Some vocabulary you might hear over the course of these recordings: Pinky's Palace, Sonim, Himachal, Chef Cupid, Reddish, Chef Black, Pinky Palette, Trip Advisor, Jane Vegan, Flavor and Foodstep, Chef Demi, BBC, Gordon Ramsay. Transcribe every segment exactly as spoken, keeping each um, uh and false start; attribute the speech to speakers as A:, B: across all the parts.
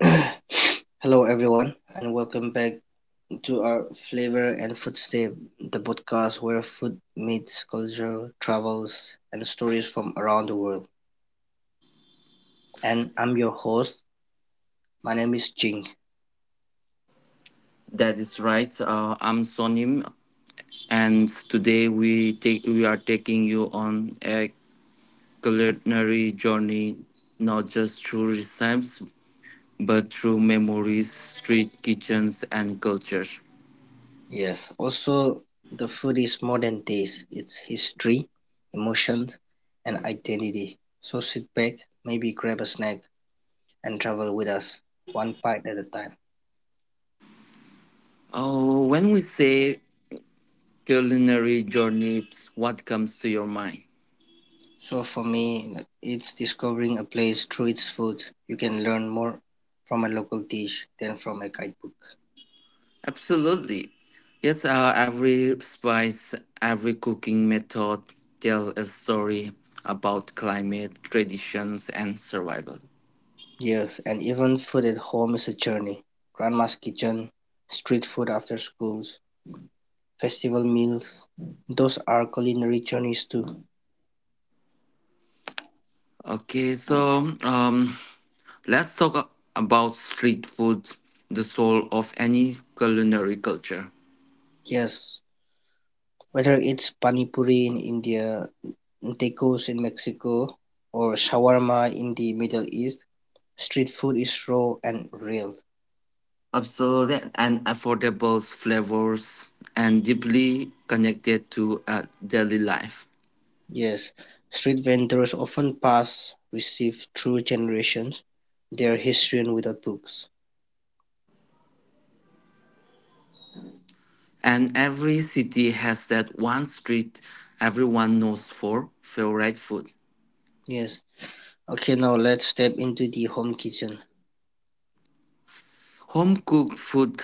A: Hello, everyone, and welcome back to our Flavor and Foodstep, the podcast where food meets culture, travels, and stories from around the world. And I'm your host. My name is Jing.
B: That is right. Uh, I'm Sonim, and today we take we are taking you on a culinary journey, not just through recipes but through memories, street kitchens, and cultures.
A: Yes, also, the food is more than taste, it's history, emotions, and identity. So sit back, maybe grab a snack, and travel with us, one bite at a time.
B: Oh, when we say culinary journeys, what comes to your mind?
A: So for me, it's discovering a place through its food. You can learn more from a local dish than from a guidebook.
B: Absolutely, yes. Uh, every spice, every cooking method tell a story about climate, traditions, and survival.
A: Yes, and even food at home is a journey. Grandma's kitchen, street food after schools, festival meals, those are culinary journeys too.
B: Okay, so um, let's talk a- about street food, the soul of any culinary culture.
A: Yes, whether it's panipuri in India, tacos in Mexico, or shawarma in the Middle East, street food is raw and real.
B: Absolutely, and affordable flavors and deeply connected to uh, daily life.
A: Yes, street vendors often pass receive through generations their history and without books.
B: And every city has that one street everyone knows for favorite food.
A: Yes. Okay, now let's step into the home kitchen.
B: Home cooked food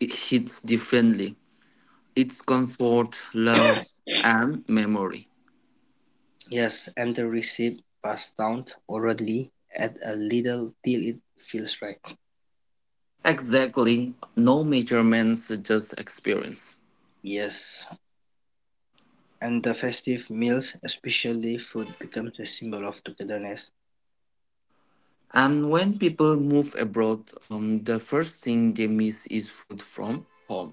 B: it hits differently. It's comfort, love, and memory.
A: Yes, and the receipt passed down orally add a little till it feels right.
B: Exactly. No measurements, just experience.
A: Yes, and the festive meals, especially food, becomes a symbol of togetherness.
B: And when people move abroad, um, the first thing they miss is food from home.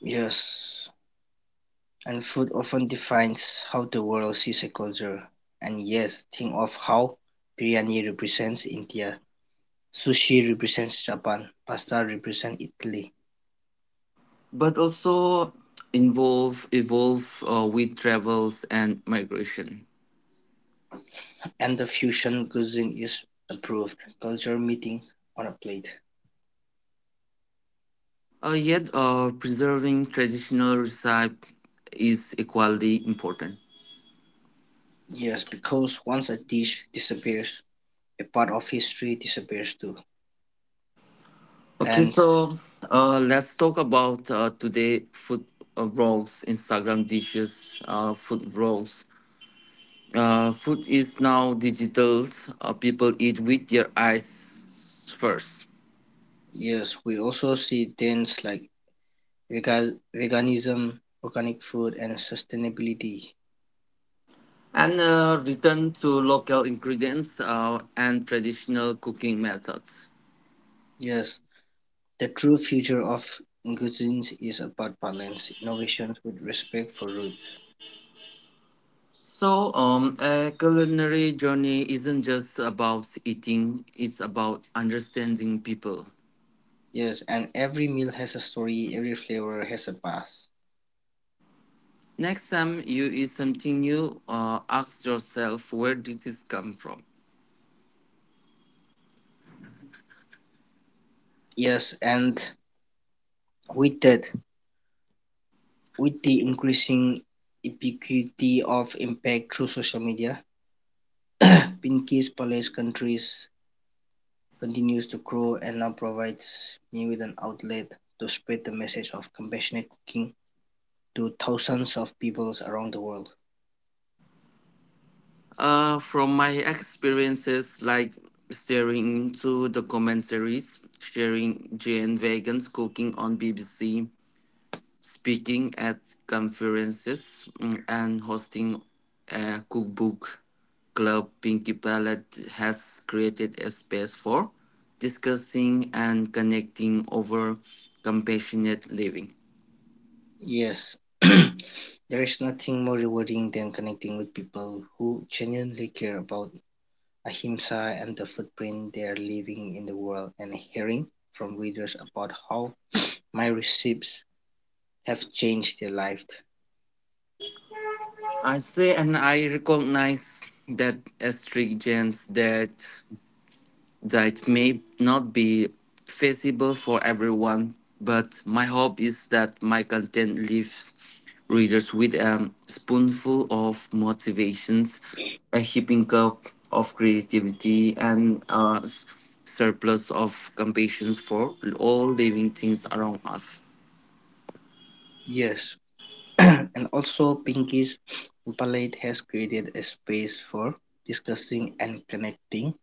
A: Yes, and food often defines how the world sees a culture. And yes, think of how biryani represents India, sushi represents Japan, pasta represents Italy,
B: But also involve evolve uh, with travels and migration.
A: and the fusion cuisine is approved culture meetings on a plate.
B: Uh, yet, uh, preserving traditional recipe is equally important.
A: Yes, because once a dish disappears, a part of history disappears too.
B: Okay,
A: And
B: so uh, let's talk about uh, today food uh, vlogs, Instagram dishes, uh, food vlogs, Uh, food is now digital. Uh, people eat with their eyes first.
A: yes, we also see trends like vega- veganism, organic food, and sustainability.
B: And uh, return to local ingredients uh, and traditional cooking methods.
A: Yes, the true future of cuisines is about balance, innovations with respect for roots.
B: So, um, a culinary journey isn't just about eating, it's about understanding people.
A: Yes, and every meal has a story, every flavor has a past.
B: Next time you eat something new, uh, ask yourself, where did this come from?
A: Yes, and with that, with the increasing ubiquity of impact through social media, Pinky's Palace Countries continues to grow and now provides me with an outlet to spread the message of compassionate cooking to thousands of peoples around the world.
B: Uh, from my experiences, like steering to the commentaries, sharing Jane Vegan's cooking on B B C, speaking at conferences, mm, and hosting a cookbook club, Pinky Palette has created a space for discussing and connecting over compassionate living.
A: Yes, there is nothing more rewarding than connecting with people who genuinely care about ahimsa and the footprint they're leaving in the world and hearing from readers about how my recipes have changed their lives.
B: I say and I recognize that as strict genes that that may not be feasible for everyone, but my hope is that my content leaves readers with a spoonful of motivations, a heaping cup of creativity, and a s- surplus of compassion for all living things around us.
A: Yes, and also Pinky's palette has created a space for discussing and connecting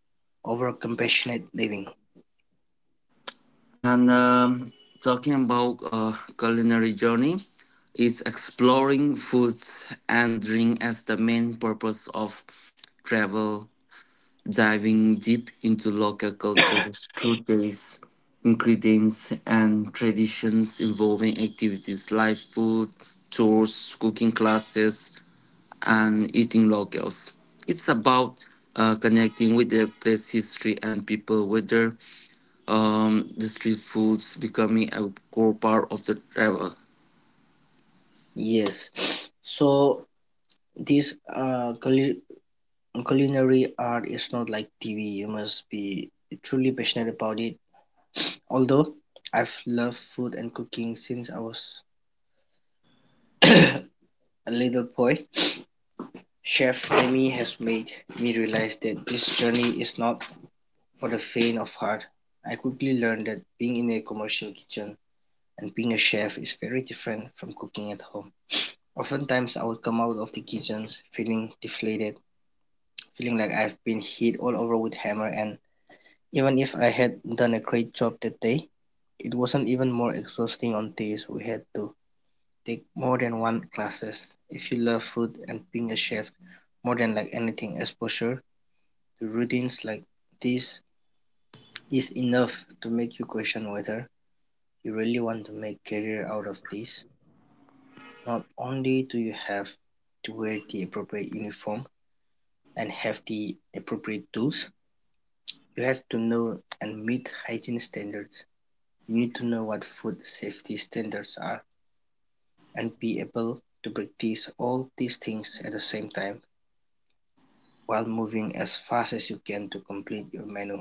A: over compassionate living.
B: And um, talking about uh, culinary journey, is exploring food and drink as the main purpose of travel, diving deep into local cultures through tastes, ingredients, and traditions, involving activities like food, tours, cooking classes, and eating locals. It's about uh, connecting with the place history and people, whether um, the street foods becoming a core part of the travel.
A: Yes, so this uh, culinary art is not like T V. You must be truly passionate about it. Although I've loved food and cooking since I was a little boy, Chef Demi has made me realize that this journey is not for the faint of heart. I quickly learned that being in a commercial kitchen and being a chef is very different from cooking at home. Oftentimes, I would come out of the kitchen feeling deflated, feeling like I've been hit all over with hammer, and even if I had done a great job that day, it wasn't even more exhausting on days we had to take more than one classes if you love food and being a chef more than like anything exposure to routines like this is enough to make you question whether you really want to make career out of this. Not only do you have to wear the appropriate uniform and have the appropriate tools, you have to know and meet hygiene standards. You need to know what food safety standards are and be able to practice all these things at the same time while moving as fast as you can to complete your menu.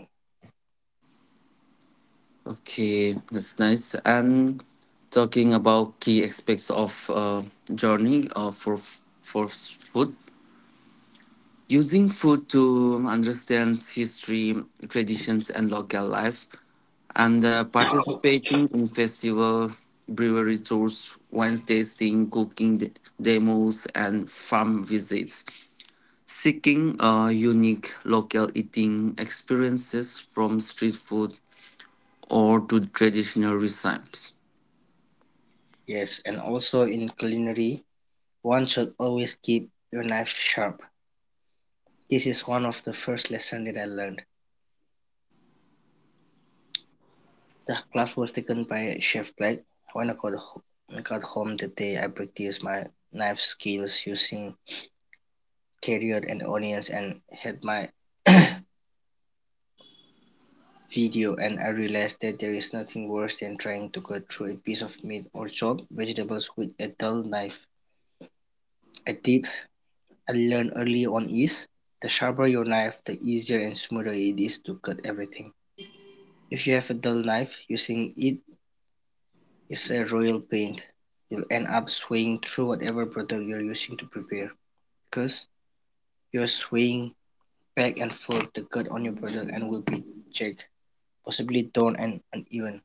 B: Okay, that's nice. And talking about key aspects of uh, journey uh, for f- for s- food. Using food to understand history, traditions, and local life, and uh, participating in festival, brewery tours, wine tasting, cooking de- demos, and farm visits. Seeking uh, unique local eating experiences from street food or to traditional recipes.
A: Yes, and also in culinary, one should always keep your knife sharp. This is one of the first lessons that I learned. The class was taken by Chef Black. When I got, got home that day, I practiced my knife skills using carrot and onions and had my video and I realized that there is nothing worse than trying to cut through a piece of meat or chopped vegetables with a dull knife. A tip I learned early on is the sharper your knife, the easier and smoother it is to cut everything. If you have a dull knife, using it is a royal pain. You'll end up swaying through whatever product you're using to prepare because you're swaying back and forth. The cut on your product and will be jagged, possibly torn and uneven.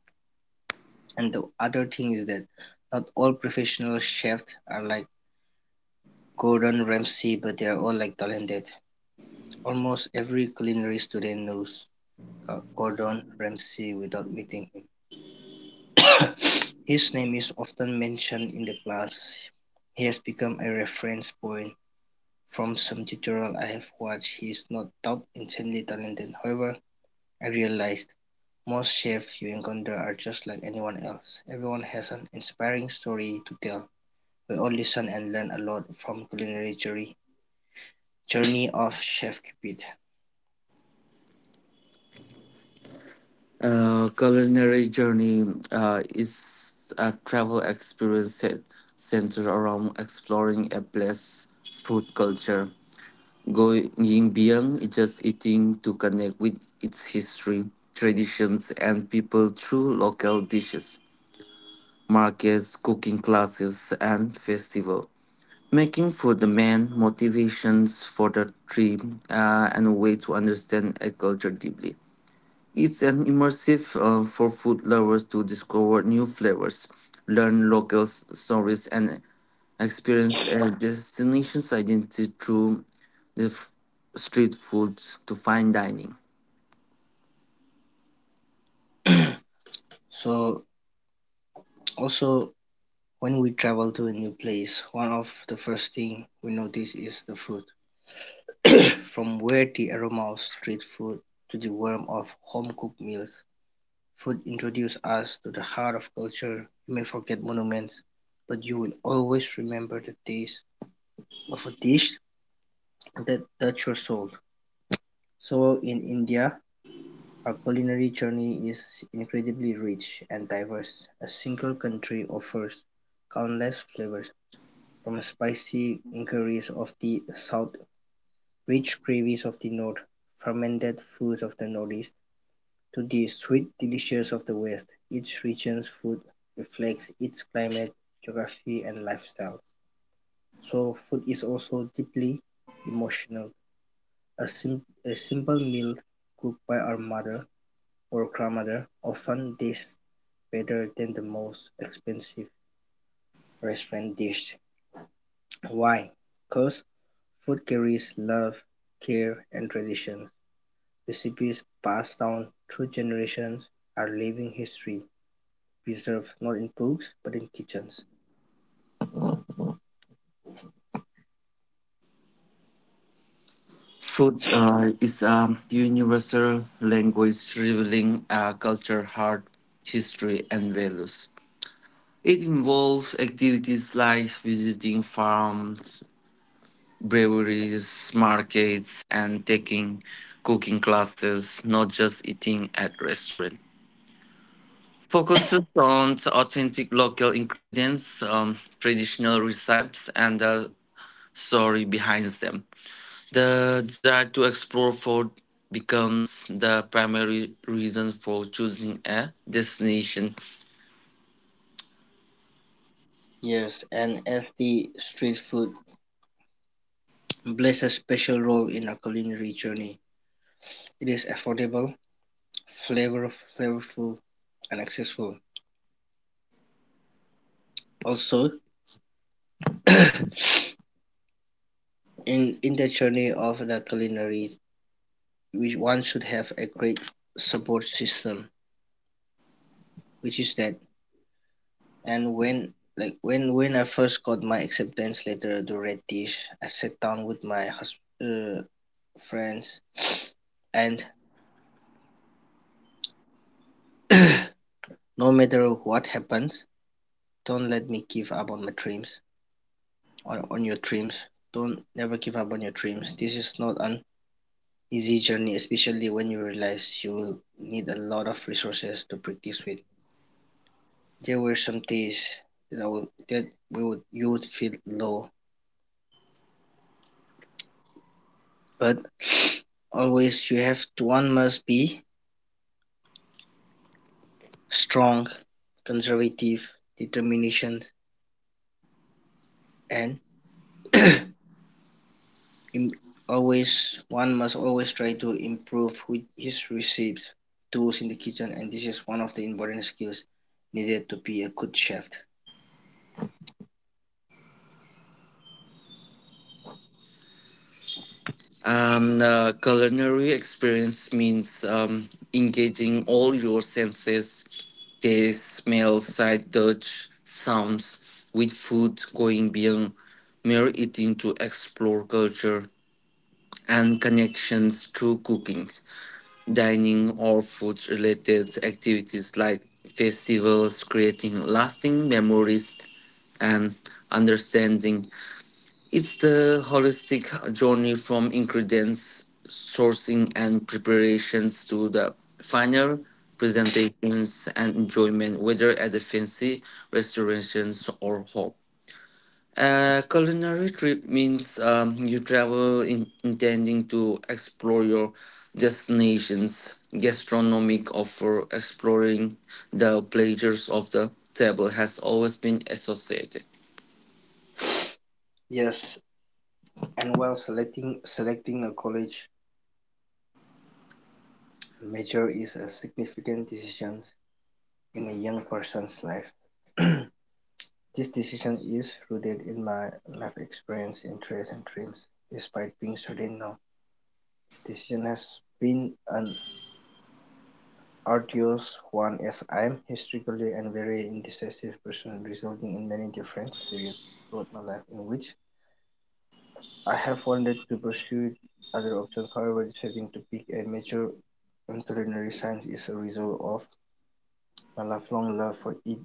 A: And the other thing is that not all professional chefs are like Gordon Ramsay, but they are all like talented. Almost every culinary student knows Gordon Ramsay without meeting him. His name is often mentioned in the class. He has become a reference point. From some tutorials I have watched, he is not top insanely talented. However, I realized most chefs you encounter are just like anyone else. Everyone has an inspiring story to tell. We all listen and learn a lot from culinary journey journey of Chef Cupid.
B: Uh, culinary journey uh, is a travel experience set, centered around exploring a place food culture. Going beyond just eating to connect with its history, traditions, and people through local dishes, markets, cooking classes, and festival. Making food the main motivations for the trip uh, and a way to understand a culture deeply. It's an immersive uh, for food lovers to discover new flavors, learn local s- stories, and experience a destination's identity through the f- street foods to fine dining.
A: So also when we travel to a new place, one of the first things we notice is the food. From where the aroma of street food to the warmth of home-cooked meals, food introduces us to the heart of culture. You may forget monuments, but you will always remember the taste of a dish that touched your soul. So in India, our culinary journey is incredibly rich and diverse. A single country offers countless flavors, from the spicy curries of the south, rich gravies of the north, fermented foods of the northeast, to the sweet delicious of the west. Each region's food reflects its climate, geography, and lifestyle. So, food is also deeply emotional. A, sim- a simple meal cooked by our mother or grandmother often tastes better than the most expensive restaurant dish. Why? Because food carries love, care and traditions; recipes passed down through generations are living history, preserved not in books but in kitchens.
B: Food uh, is a universal language revealing a culture, heart, history, and values. It involves activities like visiting farms, breweries, markets, and taking cooking classes, not just eating at restaurants. Focuses on authentic local ingredients, um, traditional recipes, and the story behind them. The desire to explore food becomes the primary reason for choosing a destination.
A: Yes, and as the street food plays a special role in our culinary journey, it is affordable, flavor flavorful, and accessible. Also, in in the journey of the culinary, which one should have a great support system, which is that. And when like when when I first got my acceptance letter to Reddish, I sat down with my hus- uh, friends, and no matter what happens, don't let me give up on my dreams. On on your dreams, don't never give up on your dreams. This is not an easy journey, especially when you realize you will need a lot of resources to practice with. There were some days that I would, that we would you would feel low. But always you have to, one must be strong, conservative, determination, and always one must always try to improve with his recipes, tools in the kitchen, and this is one of the important skills needed to be a good chef.
B: Um, the culinary experience means um, engaging all your senses, taste, smell, sight, touch, sounds, with food, going beyond mere eating to explore culture and connections through cooking, dining, or food related activities like festivals, creating lasting memories and understanding. It's the holistic journey from ingredients sourcing and preparations to the final presentations and enjoyment, whether at the fancy restaurations or home. A culinary trip means um, you travel in, intending to explore your destination's gastronomic offer. Exploring the pleasures of the table has always been associated.
A: Yes, and while selecting selecting a college major is a significant decision in a young person's life. This decision is rooted in my life experience, interests, and dreams. Despite being certain now, this decision has been an arduous one as I'm historically and very indecisive person, resulting in many different periods throughout my life in which I have wanted to pursue other options. However, deciding to pick a major in culinary science is a result of my lifelong love for eat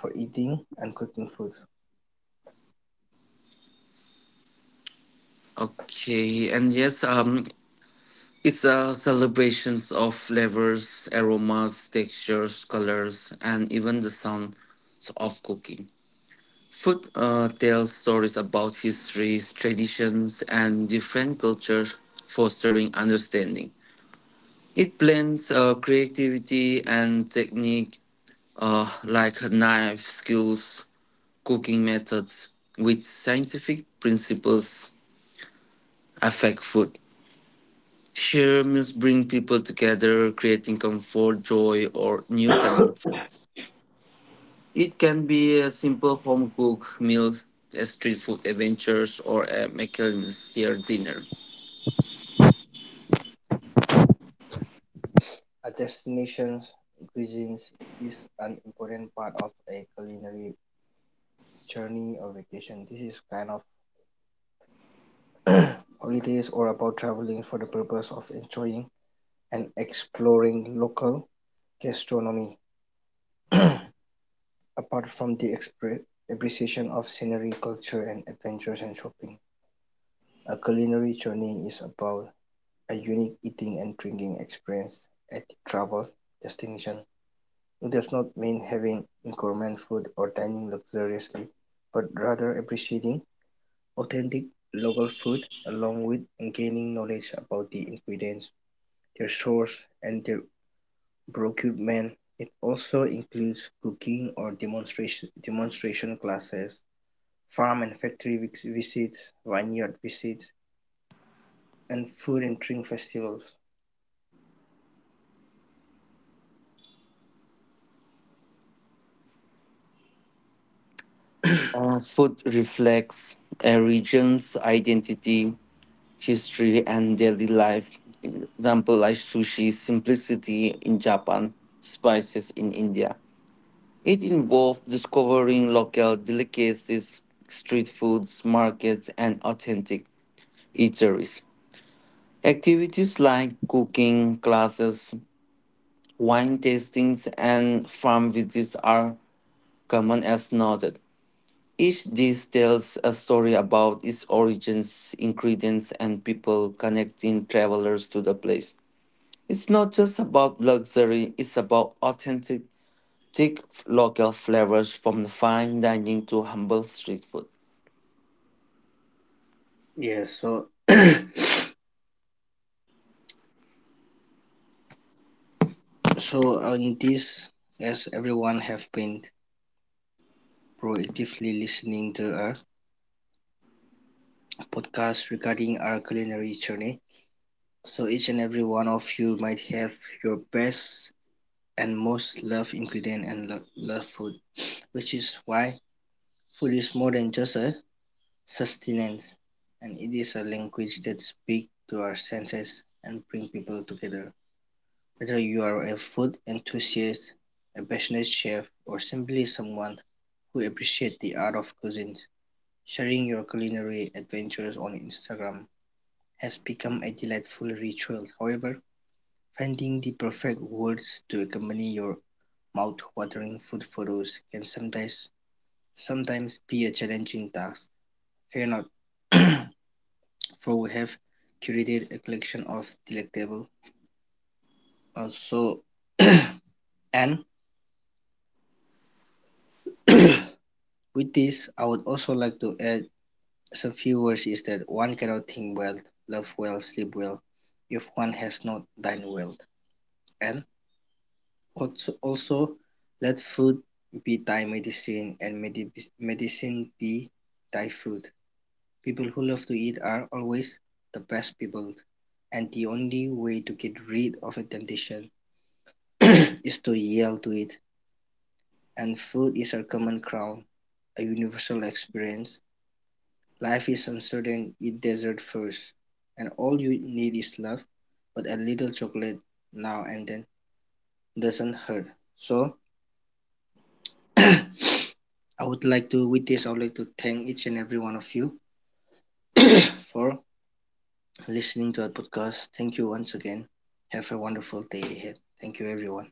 A: for eating and cooking food.
B: Okay, and yes, um, it's a celebration of flavors, aromas, textures, colors, and even the sounds of cooking. Food uh, tells stories about histories, traditions, and different cultures, fostering understanding. It blends uh, creativity and technique, uh, like knife skills, cooking methods, with scientific principles affect food. Shared meals bring people together, creating comfort, joy, or new connections. It can be a simple home cooked meal, a street food adventures, or a McAllister dinner.
A: A destination's cuisine is an important part of a culinary journey or vacation. This is kind of holidays or about traveling for the purpose of enjoying and exploring local gastronomy. Apart from the expre- appreciation of scenery, culture, and adventures and shopping, a culinary journey is about a unique eating and drinking experience at the travel destination. It does not mean having gourmet food or dining luxuriously, but rather appreciating authentic local food along with gaining knowledge about the ingredients, their source, and their procurement. It also includes cooking or demonstration demonstration classes, farm and factory vis- visits, vineyard visits, and food and drink festivals.
B: Uh, food reflects a region's identity, history, and daily life. Example like sushi, simplicity in Japan, spices in India. It involved discovering local delicacies, street foods, markets, and authentic eateries. Activities like cooking classes, wine tastings, and farm visits are common as noted. Each dish tells a story about its origins, ingredients, and people connecting travelers to the place. It's not just about luxury, it's about authentic take local flavors from fine dining to humble street food.
A: Yes, so so uh, in this, as everyone have been proactively listening to our podcast regarding our culinary journey. So each and every one of you might have your best and most loved ingredient and lo- love food, which is why food is more than just a sustenance, and it is a language that speaks to our senses and bring people together. Whether you are a food enthusiast, a passionate chef, or simply someone who appreciates the art of cuisine, sharing your culinary adventures on Instagram has become a delightful ritual. However, finding the perfect words to accompany your mouth-watering food photos can sometimes sometimes be a challenging task. Fear not, for we have curated a collection of delectable. Also, and with this, I would also like to add some few words is that one cannot think well, love well, sleep well if one has not dined well. And also also let food be Thai medicine and medi- medicine be Thai food. People who love to eat are always the best people, and the only way to get rid of a temptation is to yell to it. And food is our common crown, a universal experience. Life is uncertain, eat dessert first, and all you need is love, but a little chocolate now and then doesn't hurt. So, I would like to, with this, I would like to thank each and every one of you for listening to our podcast. Thank you once again. Have a wonderful day ahead. Thank you, everyone.